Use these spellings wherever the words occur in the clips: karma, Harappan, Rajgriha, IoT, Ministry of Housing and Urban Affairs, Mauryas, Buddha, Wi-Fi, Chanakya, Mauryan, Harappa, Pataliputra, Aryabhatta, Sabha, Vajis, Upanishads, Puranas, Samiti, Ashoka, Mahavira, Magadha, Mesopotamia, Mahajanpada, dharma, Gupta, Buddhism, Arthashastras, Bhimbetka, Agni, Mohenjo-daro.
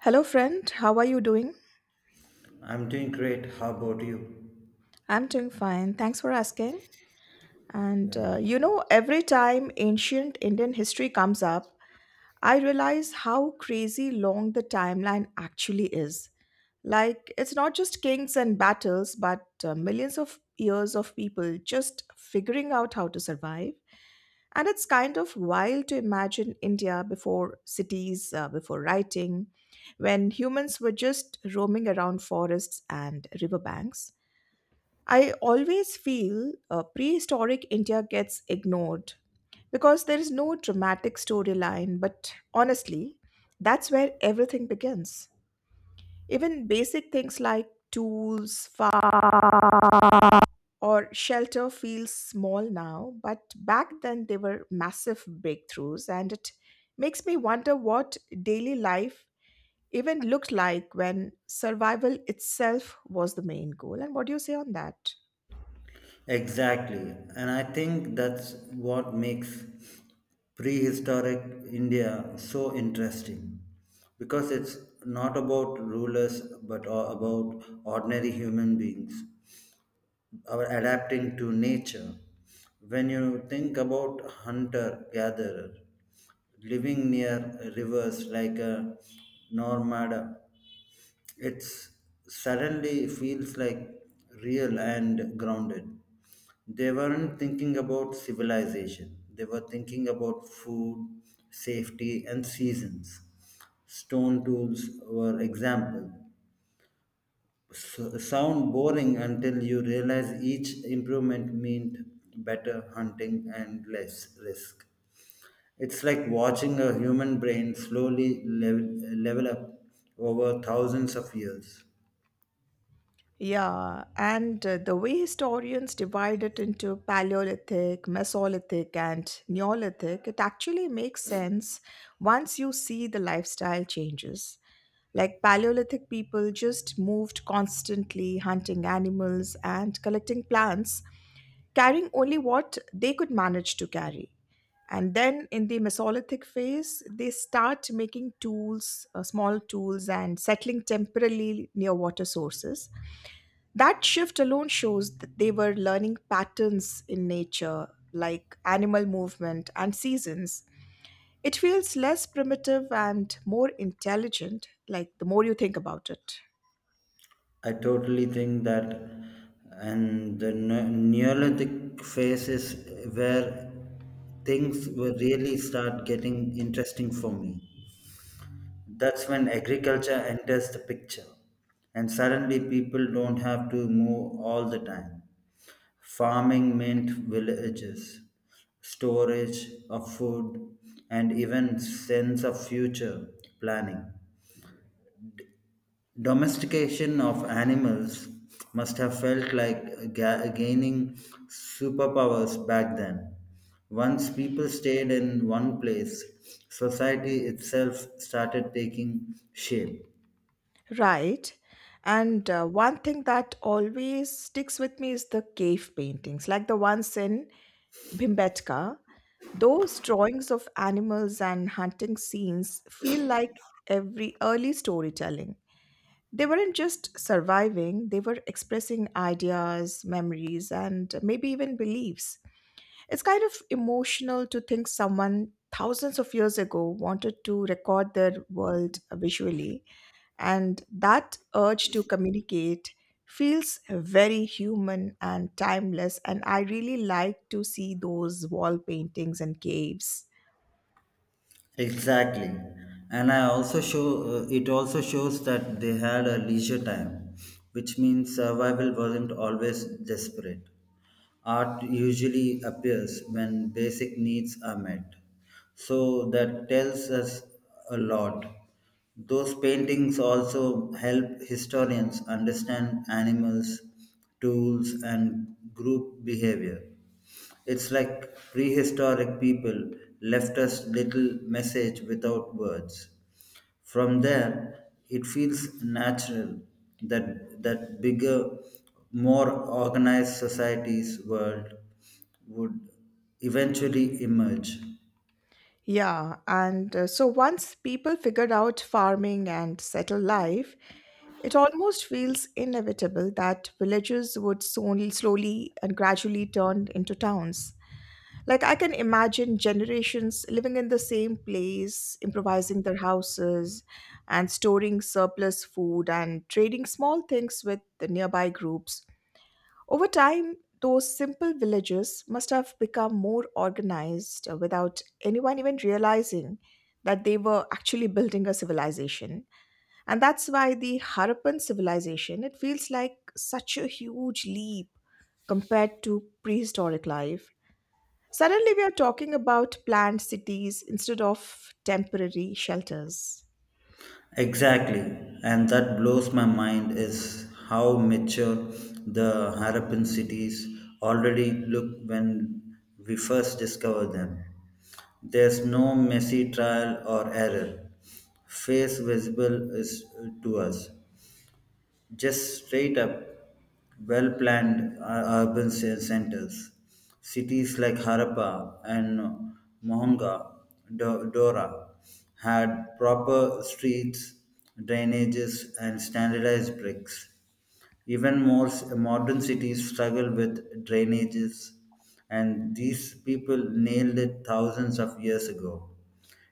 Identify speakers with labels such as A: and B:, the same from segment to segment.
A: Hello, friend. How are you doing?
B: I'm doing great. How about you?
A: I'm doing fine. Thanks for asking.
B: Yeah.
A: Every time ancient Indian history comes up, I realize how crazy long the timeline actually is. Like, it's not just kings and battles, but millions of years of people just figuring out how to survive. And it's kind of wild to imagine India before cities, before writing, when humans were just roaming around forests and riverbanks. I always feel prehistoric India gets ignored because there is no dramatic storyline, but honestly, that's where everything begins. Even basic things like tools, farm, or shelter feel small now, but back then they were massive breakthroughs, and it makes me wonder what daily life even looked like when survival itself was the main goal. And what do you say on that?
B: Exactly. And I think that's what makes prehistoric India so interesting because it's not about rulers but about ordinary human beings our adapting to nature. When you think about hunter gatherer living near rivers like a nomad, it's suddenly feels like real and grounded. They weren't thinking about civilization. They were thinking about food, safety, and seasons. Stone tools were example. Sound boring until you realize each improvement meant better hunting and less risk. It's like watching a human brain slowly level up over thousands of years.
A: Yeah, and The way historians divide it into Paleolithic, Mesolithic, and Neolithic, it actually makes sense once you see the lifestyle changes. Like Paleolithic people just moved constantly, hunting animals and collecting plants, carrying only what they could manage to carry. And then in the Mesolithic phase, they start making tools, small tools, and settling temporarily near water sources. That shift alone shows that they were learning patterns in nature, like animal movement and seasons. It feels less primitive and more intelligent, like the more you think about it.
B: I totally think that, and the Neolithic phase is where things will really start getting interesting for me. That's when agriculture enters the picture, and suddenly people don't have to move all the time. Farming meant villages, storage of food, and even sense of future planning. Domestication of animals must have felt like gaining superpowers back then. Once people stayed in one place, society itself started taking shape.
A: Right. And One thing that always sticks with me is the cave paintings, like the ones in Bhimbetka. Those drawings of animals and hunting scenes feel like every early storytelling. They weren't just surviving, they were expressing ideas, memories, and maybe even beliefs. It's kind of emotional to think someone thousands of years ago wanted to record their world visually, and that urge to communicate feels very human and timeless. And I really like to see those wall paintings and caves.
B: Exactly. And I also show it also shows that they had a leisure time, which means survival wasn't always desperate. Art usually appears when basic needs are met. So that tells us a lot. Those paintings also help historians understand animals, tools, and group behavior. It's like prehistoric people left us little message without words. From there, it feels natural that bigger, more organized societies world would eventually emerge.
A: Yeah, and so once people figured out farming and settled life, it almost feels inevitable that villages would soon slowly and gradually turn into towns. Like I can imagine generations living in the same place, improvising their houses and storing surplus food and trading small things with the nearby groups. Over time, those simple villages must have become more organized without anyone even realizing that they were actually building a civilization. And that's why the Harappan civilization, it feels like such a huge leap compared to prehistoric life. Suddenly, we are talking about planned cities instead of temporary shelters.
B: Exactly, and that blows my mind is how mature the Harappan cities already look when we first discover them. There's no messy trial or error. Face visible is to us, just straight up well planned urban centers. Cities like Harappa and Mohenjo Dora, had proper streets, drainages, and standardized bricks. Even more modern cities struggle with drainages, and these people nailed it thousands of years ago.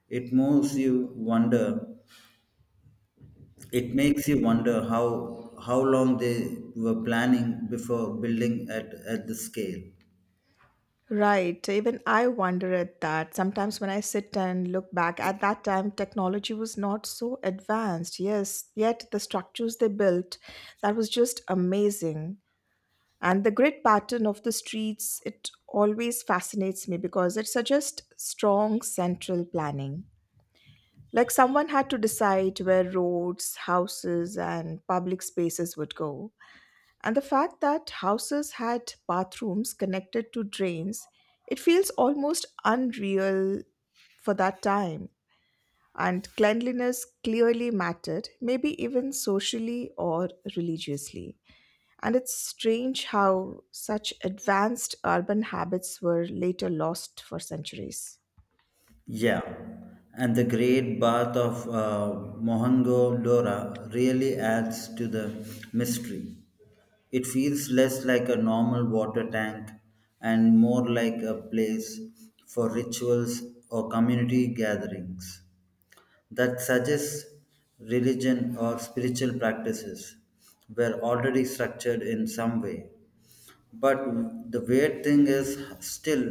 B: It moves you wonder it makes you wonder how long they were planning before building at the scale.
A: Right. Even I wonder at that. Sometimes when I sit and look back, at that time, technology was not so advanced. Yes, yet the structures they built, that was just amazing. And the grid pattern of the streets, it always fascinates me because it suggests strong central planning, like someone had to decide where roads, houses, and public spaces would go. And the fact that houses had bathrooms connected to drains, it feels almost unreal for that time. And cleanliness clearly mattered, maybe even socially or religiously, and it's strange how such advanced urban habits were later lost for centuries.
B: Yeah, and the great bath of Mohenjo-daro really adds to the mystery. It feels less like a normal water tank and more like a place for rituals or community gatherings. That suggests religion or spiritual practices were already structured in some way. But the weird thing is, still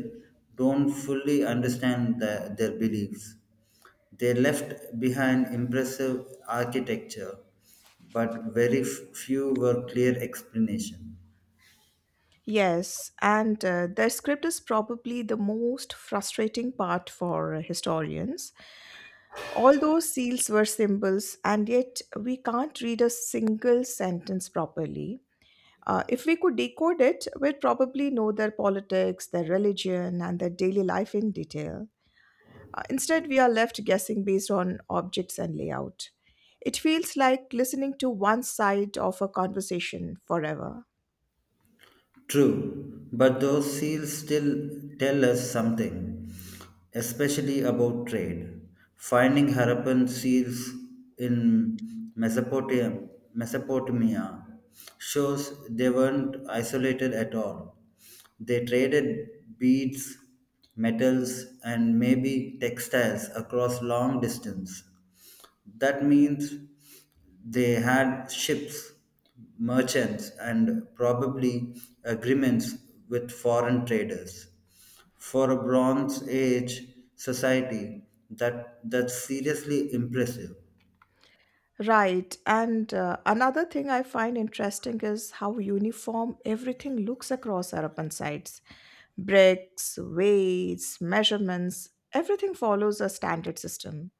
B: don't fully understand their beliefs. They left behind impressive architecture, but very few were clear explanation.
A: Yes, and The script is probably the most frustrating part for historians. All those seals were symbols, and yet we can't read a single sentence properly. If we could decode it, we'd probably know their politics, their religion, and their daily life in detail. Instead, we are left guessing based on objects and layout. It feels like listening to one side of a conversation forever.
B: True, but those seals still tell us something, especially about trade. Finding Harappan seals in Mesopotamia shows they weren't isolated at all. They traded beads, metals, and maybe textiles across long distance. That means they had ships, merchants, and probably agreements with foreign traders. For a Bronze Age society, that's seriously impressive.
A: Right, and Another thing I find interesting is how uniform everything looks across urban sites. Bricks, weights, measurements, everything follows a standard system.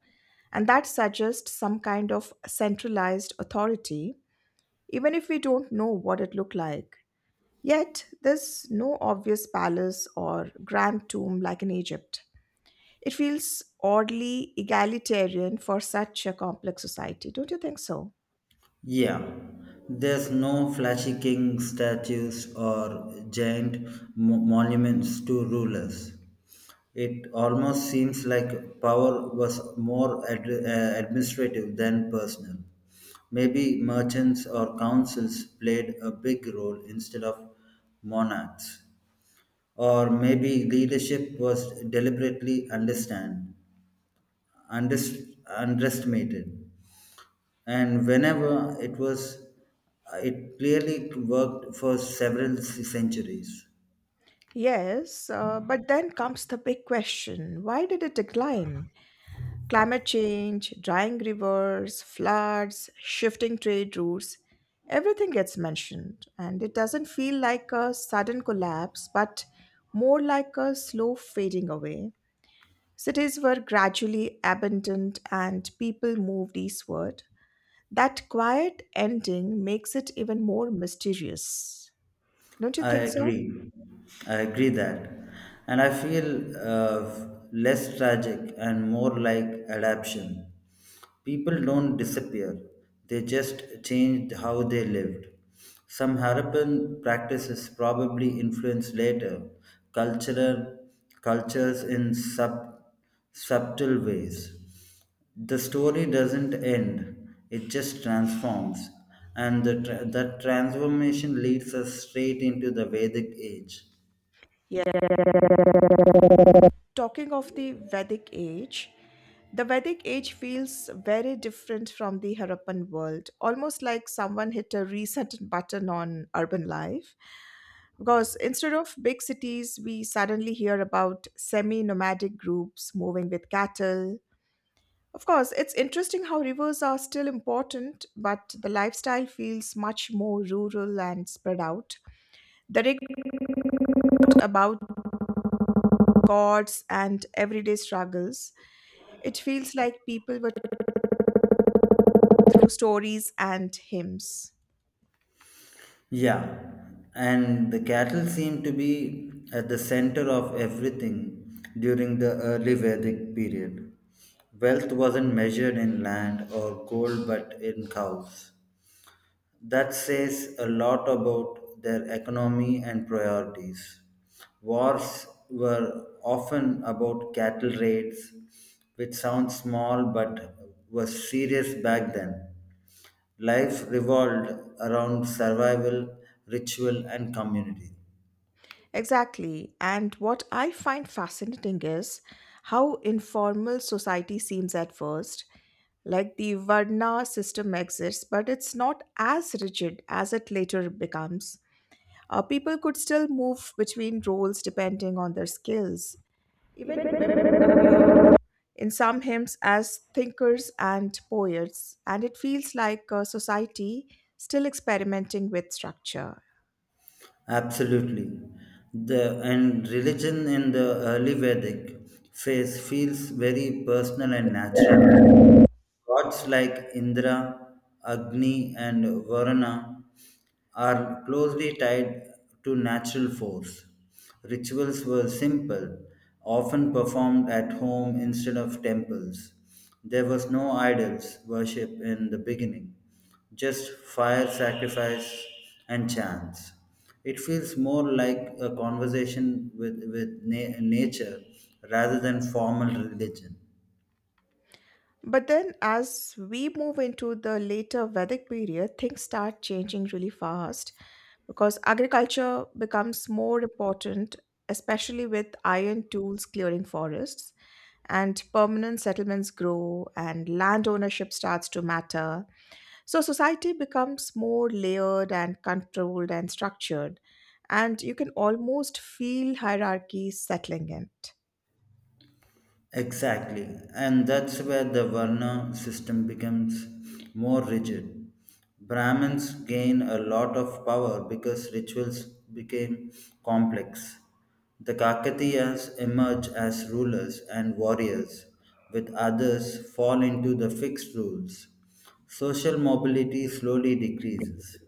A: And that suggests some kind of centralized authority, even if we don't know what it looked like. Yet, there's no obvious palace or grand tomb like in Egypt. It feels oddly egalitarian for such a complex society, don't you think so?
B: Yeah, there's no flashy king statues or giant monuments to rulers. It almost seems like power was more administrative than personal. Maybe merchants or councils played a big role instead of monarchs. Or maybe leadership was deliberately underestimated, and whenever it was, it clearly worked for several centuries.
A: Yes, but then comes the big question, why did it decline? Climate change, drying rivers, floods, shifting trade routes, everything gets mentioned, and it doesn't feel like a sudden collapse, but more like a slow fading away. Cities were gradually abandoned and people moved eastward. That quiet ending makes it even more mysterious. Don't you
B: i
A: think so?
B: agree I agree that, and I feel uh, less tragic and more like adaptation. People don't disappear, they just changed how they lived. Some Harappan practices probably influenced later cultural cultures in subtle ways. The story doesn't end, it just transforms. And the that transformation leads us straight into the Vedic age.
A: Yeah. Talking of the Vedic age feels very different from the Harappan world, almost like someone hit a reset button on urban life. Because instead of big cities, we suddenly hear about semi nomadic groups moving with cattle. Of course, it's interesting how rivers are still important, but the lifestyle feels much more rural and spread out. The rigged about gods and everyday struggles, it feels like people were through stories and hymns.
B: Yeah, and the cattle seem to be at the center of everything during the early Vedic period. Wealth wasn't measured in land or gold but in cows. That says a lot about their economy and priorities. Wars were often about cattle raids, which sounds small but was serious back then. Life revolved around survival, ritual, and community.
A: Exactly. And what I find fascinating is how informal society seems at first. Like the Varna system exists, but it's not as rigid as it later becomes. People could still move between roles depending on their skills. Even women in some hymns as thinkers and poets, and it feels like a society still experimenting with structure.
B: Absolutely. The and religion in the early Vedic phase feels very personal and natural. Gods like Indra, Agni, and Varuna are closely tied to natural force. Rituals were simple, often performed at home instead of temples. There was no idols worship in the beginning, just fire sacrifice and chants. It feels more like a conversation with nature rather than formal religion.
A: But then, as we move into the later Vedic period, things start changing really fast because agriculture becomes more important, especially with iron tools clearing forests. And permanent settlements grow and land ownership starts to matter. So society becomes more layered and controlled and structured, and you can almost feel hierarchy settling in. It.
B: Exactly, and that's where the Varna system becomes more rigid. Brahmins gain a lot of power because rituals became complex. The Kakatiyas emerge as rulers and warriors, with others fall into the fixed rules. Social mobility slowly decreases.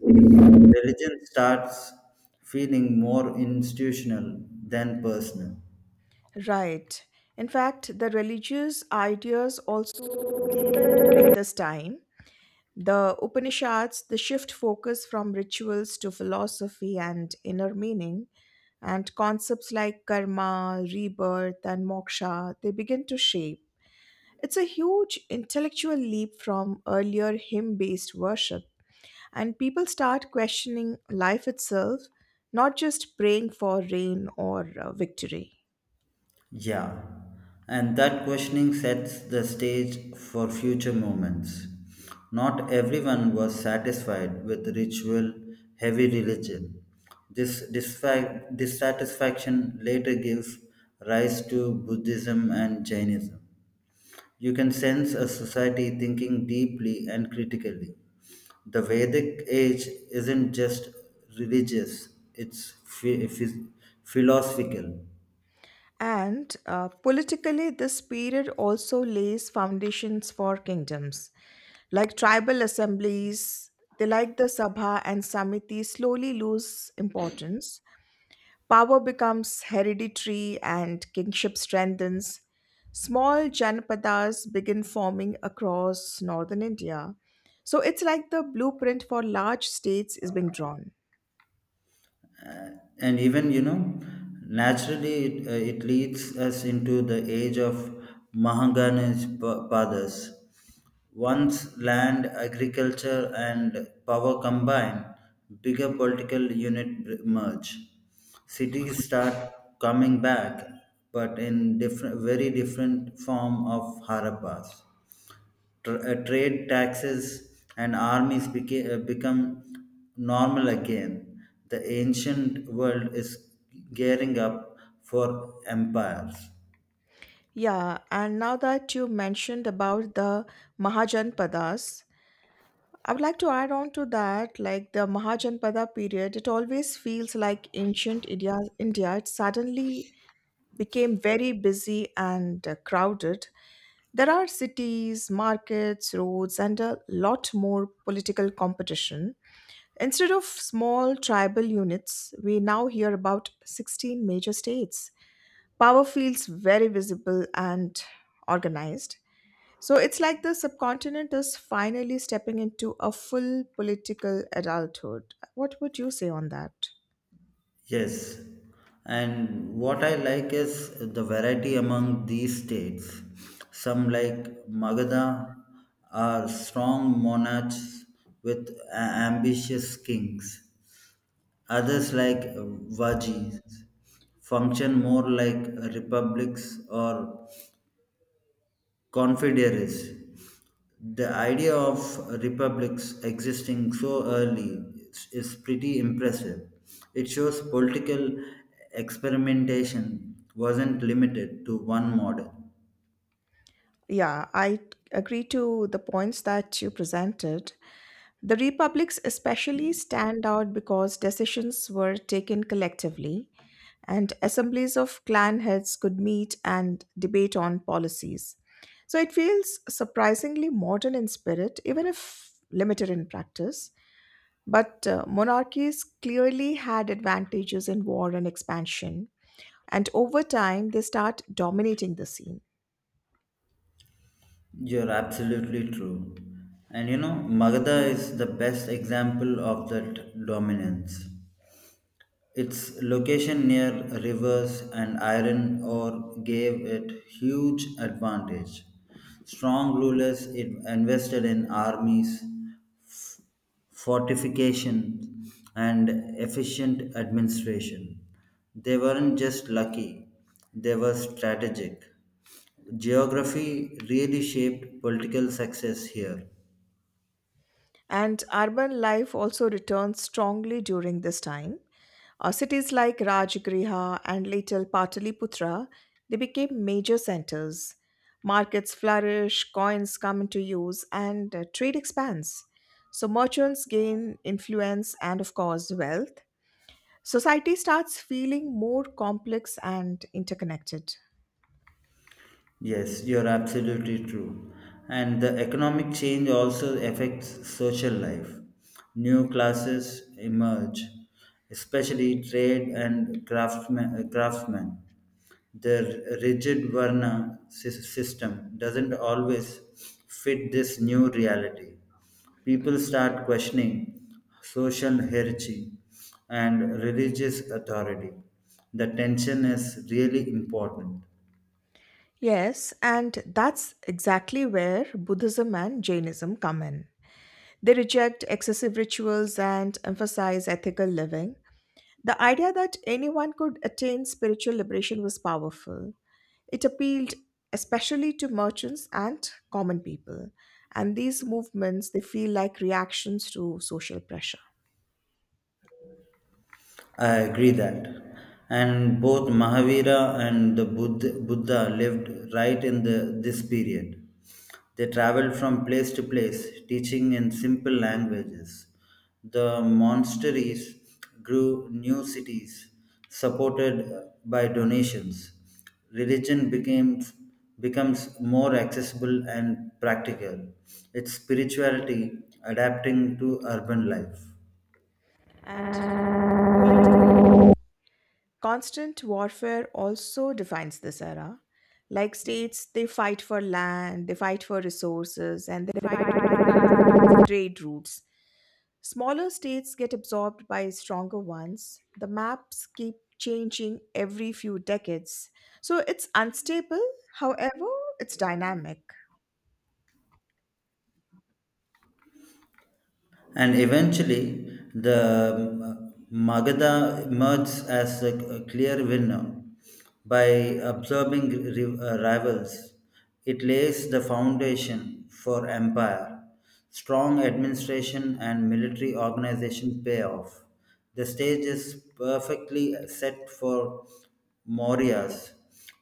B: Religion starts feeling more institutional than personal.
A: Right. In fact, the religious ideas also during this time, the Upanishads, the shift focus from rituals to philosophy and inner meaning, and concepts like karma, rebirth, and moksha, they begin to shape. It's a huge intellectual leap from earlier hymn based worship, and people start questioning life itself, not just praying for rain or victory.
B: Yeah, and that questioning sets the stage for future movements. Not everyone was satisfied with ritual heavy religion. This dissatisfaction later gives rise to Buddhism and Jainism. You can sense a society thinking deeply and critically. The Vedic age isn't just religious, it's philosophical.
A: And Politically, this period also lays foundations for kingdoms. Like tribal assemblies, they like the Sabha and Samiti slowly lose importance. Power becomes hereditary and kingship strengthens. Small janapadas begin forming across northern India. So it's like the blueprint for large states is being drawn.
B: Uh, and even you know naturally it leads us into the age of mahangani's padas. Once land agriculture and power combine, bigger political unit merge. Cities start coming back but in different very different form of harappas, trade taxes and armies become normal again. The ancient world is gearing up for empires.
A: Yeah, and now that you mentioned about the Mahajanpadas, I would like to add on to that, like the Mahajanpada period, it always feels like ancient India. It suddenly became very busy and crowded. There are cities, markets, roads, and a lot more political competition. Instead of small tribal units, we now hear about 16 major states. Power feels very visible and organized. So it's like the subcontinent is finally stepping into a full political adulthood. What would you say on that?
B: Yes, and what I like is the variety among these states. Some like Magadha are strong monarchs with ambitious kings. Others, like Vajis, function more like republics or confederacies. The idea of republics existing so early is pretty impressive. It shows political experimentation wasn't limited to one model.
A: Yeah, I agree to the points that you presented. The republics especially stand out because decisions were taken collectively, and assemblies of clan heads could meet and debate on policies. So it feels surprisingly modern in spirit, even if limited in practice. But monarchies clearly had advantages in war and expansion, and over time they start dominating the scene.
B: You're absolutely true. And you know, Magadha is the best example of that dominance. Its location near rivers and iron ore gave it huge advantage. Strong rulers it invested in armies, fortifications, and efficient administration. They weren't just lucky, they were strategic. Geography really shaped political success here.
A: And urban life also returns strongly during this time. Cities like Rajgriha and later Pataliputra, they became major centers. Markets flourish, coins come into use, and trade expands. So merchants gain influence and, of course, wealth. Society starts feeling more complex and interconnected.
B: Yes, you're absolutely true. And the economic change also affects social life. New classes emerge, especially trade and craftsmen. The rigid Varna system doesn't always fit this new reality. People start questioning social hierarchy and religious authority. The tension is really important.
A: Yes, and that's exactly where Buddhism and Jainism come in. They reject excessive rituals and emphasize ethical living. The idea that anyone could attain spiritual liberation was powerful. It appealed especially to merchants and common people. And these movements, they feel like reactions to social pressure.
B: I agree that. And both Mahavira and the Buddha lived right in this period. They traveled from place to place, teaching in simple languages. The monasteries grew new cities, supported by donations. Religion became Becomes more accessible and practical. Its spirituality adapting to urban life.
A: And constant warfare also defines this era. Like states, they fight for land, they fight for resources, and they fight for trade routes. Smaller states get absorbed by stronger ones. The maps keep changing every few decades. So it's unstable, however, it's dynamic.
B: And eventually, the Magadha emerges as a clear winner. By absorbing rivals, it lays the foundation for empire. Strong administration and military organization pay off. The stage is perfectly set for Mauryas.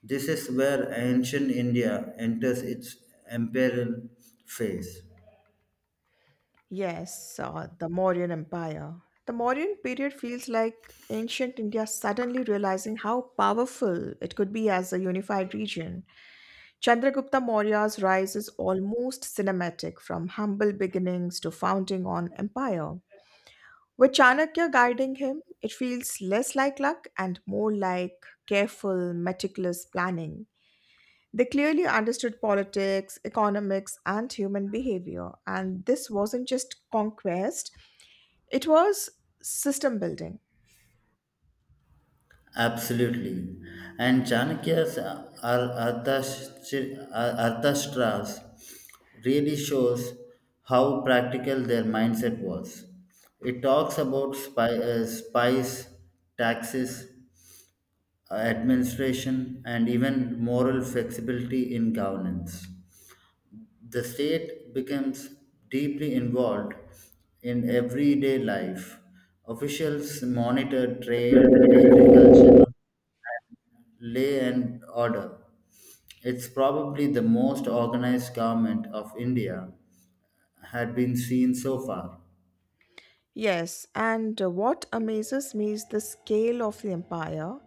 B: This is where ancient India enters its imperial phase.
A: Yes, the Mauryan Empire. The Mauryan period feels like ancient India suddenly realizing how powerful it could be as a unified region. Chandragupta Maurya's rise is almost cinematic from humble beginnings to founding on empire. With Chanakya guiding him, it feels less like luck and more like careful, meticulous planning. They clearly understood politics, economics, and human behavior, and this wasn't just conquest, it was system building.
B: Absolutely. And Chanakya's Arthashastras really shows how practical their mindset was. It talks about spies, taxes, administration, and even moral flexibility in governance. The state becomes deeply involved in everyday life. Officials monitor trade, agriculture, Lay and Order. It's probably the most organized government of India had been seen so far.
A: Yes, and What amazes me is the scale of the empire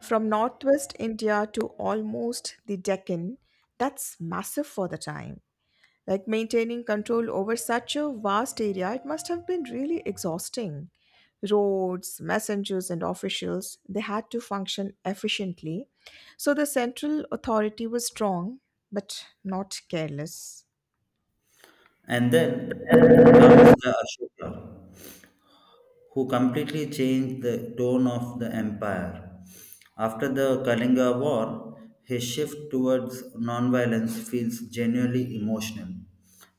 A: from northwest India to almost the Deccan. That's massive for the time. Like maintaining control over such a vast area, it must have been really exhausting. Roads, messengers, and officials, they had to function efficiently. So the central authority was strong, but not careless.
B: And then comes the Ashoka, who completely changed the tone of the empire. After the Kalinga War, his shift towards nonviolence feels genuinely emotional.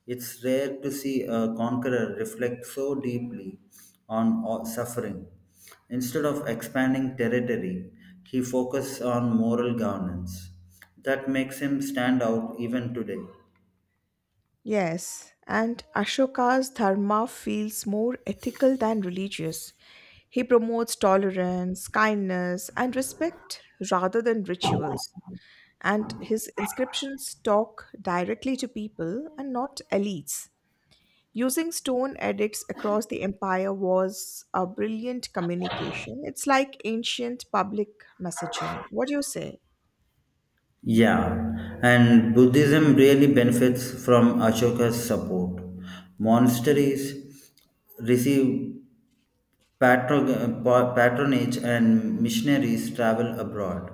B: It's rare to see a conqueror reflect so deeply on suffering. Instead of expanding territory, he focused on moral governance. That makes him stand out even today.
A: Yes, and Ashoka's dharma feels more ethical than religious. He promotes tolerance, kindness, and respect rather than rituals. And his inscriptions talk directly to people and not elites. Using stone edicts across the empire was a brilliant communication. It's like ancient public messaging. What do you say?
B: Yeah, and Buddhism really benefits from Ashoka's support. Monasteries receive patronage, and missionaries travel abroad.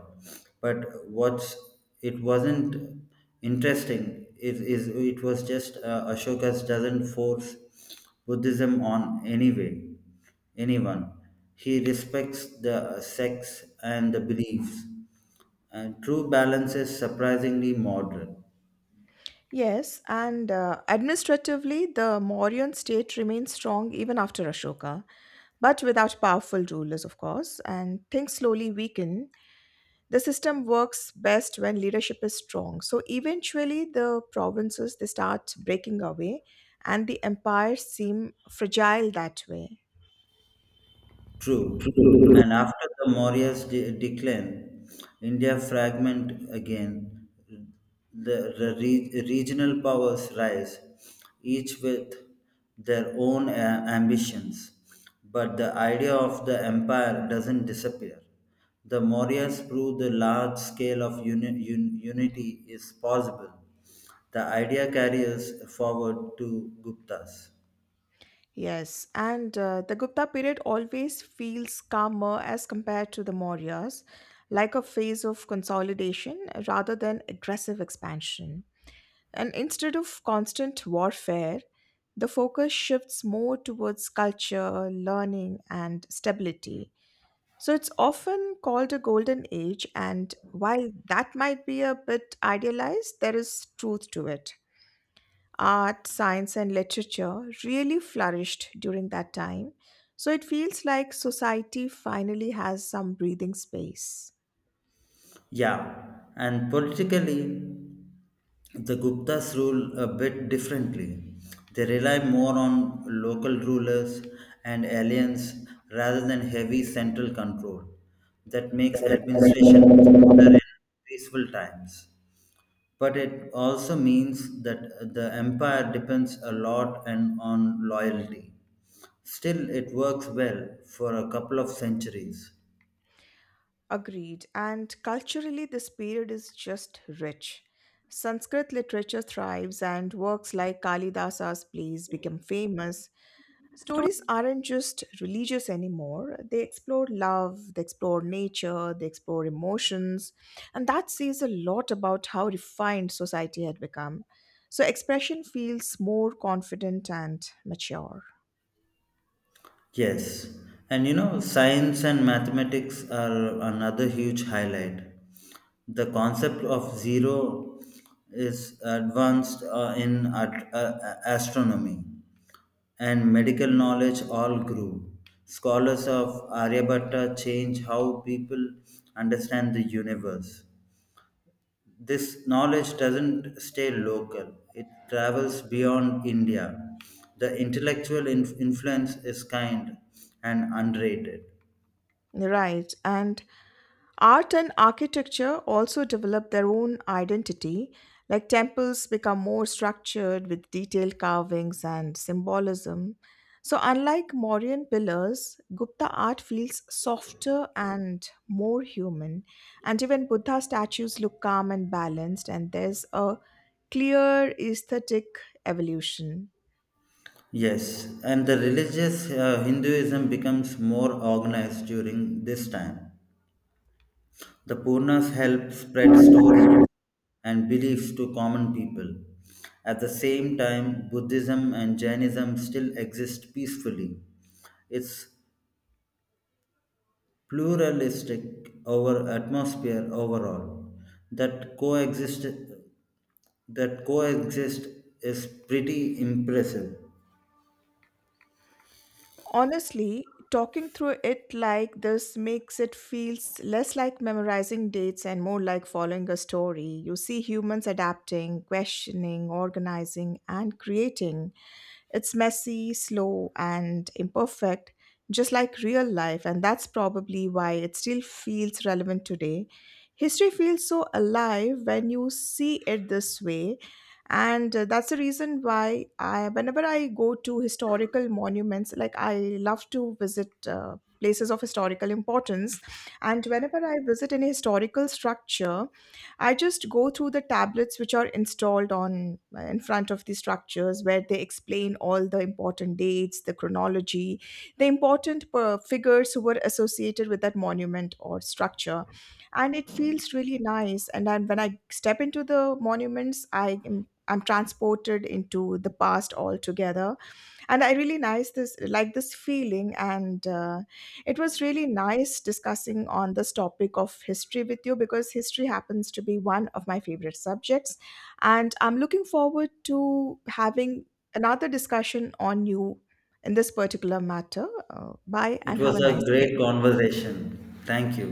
B: But what's it wasn't interesting is it was just Ashoka's doesn't force Buddhism on anyone. He respects the sects and the beliefs. And true balance is surprisingly modern.
A: Yes, and Administratively, the Mauryan state remained strong even after Ashoka, but without powerful rulers, of course, and things slowly weaken. The system works best when leadership is strong. So eventually, the provinces they start breaking away, and the empires seem fragile that way.
B: True. And after the Maurya's decline, India fragment again. The regional powers rise, each with their own ambitions. But the idea of the empire doesn't disappear. The Mauryas prove the large scale of unity is possible. The idea carries forward to Guptas.
A: Yes, and The Gupta period always feels calmer as compared to the Mauryas, like a phase of consolidation rather than aggressive expansion. And instead of constant warfare, the focus shifts more towards culture, learning, and stability. So it's often called a golden age, and while that might be a bit idealized, there is truth to it. Art, science, and literature really flourished during that time, so it feels like society finally has some breathing space.
B: Yeah, and politically, the Guptas rule a bit differently. They rely more on local rulers and alliance rather than heavy central control. That makes administration smoother in peaceful times. But it also means that the empire depends a lot and on loyalty. Still, it works well for a couple of centuries.
A: Agreed. And culturally, this period is just rich. Sanskrit literature thrives, and works like Kalidasa's plays become famous. Stories aren't just religious anymore. They explore love, they explore nature, they explore emotions. And that says a lot about how refined society had become. So, expression feels more confident and mature.
B: Yes, and you know, science and mathematics are another huge highlight. The concept of zero is advanced in astronomy, and medical knowledge all grew. Scholars of Aryabhatta change how people understand the universe. This knowledge doesn't stay local, it travels beyond India. The intellectual influence is kind and unrated.
A: Right. And art and architecture also develop their own identity, like temples become more structured with detailed carvings and symbolism. So, unlike Mauryan pillars, Gupta art feels softer and more human. And even Buddha statues look calm and balanced, and there's a clear aesthetic evolution.
B: Yes, and the religious Hinduism becomes more organized during this time. The Purnas help spread stories and beliefs to common people. At the same time, Buddhism and Jainism still exist peacefully. It's pluralistic over atmosphere overall that coexist is pretty impressive.
A: Honestly, talking through it like this makes it feels less like memorizing dates and more like following a story. You see humans adapting, questioning, organizing, and creating. It's messy, slow, and imperfect, just like real life, and that's probably why it still feels relevant today. History feels so alive when you see it this way, and that's the reason why I, whenever I go to historical monuments, like I love to visit. Places of historical importance, and whenever I visit any historical structure, I just go through the tablets which are installed on in front of the structures where they explain all the important dates, the chronology, the important figures who were associated with that monument or structure. And it feels really nice. And then when I step into the monuments, I'm transported into the past altogether, and I really nice this like this feeling, and it was really nice discussing on this topic of history with you because history happens to be one of my favorite subjects, and I'm looking forward to having another discussion on you in this particular matter. Bye
B: It
A: and have
B: was
A: a
B: a
A: nice
B: great
A: day.
B: conversation. Thank you.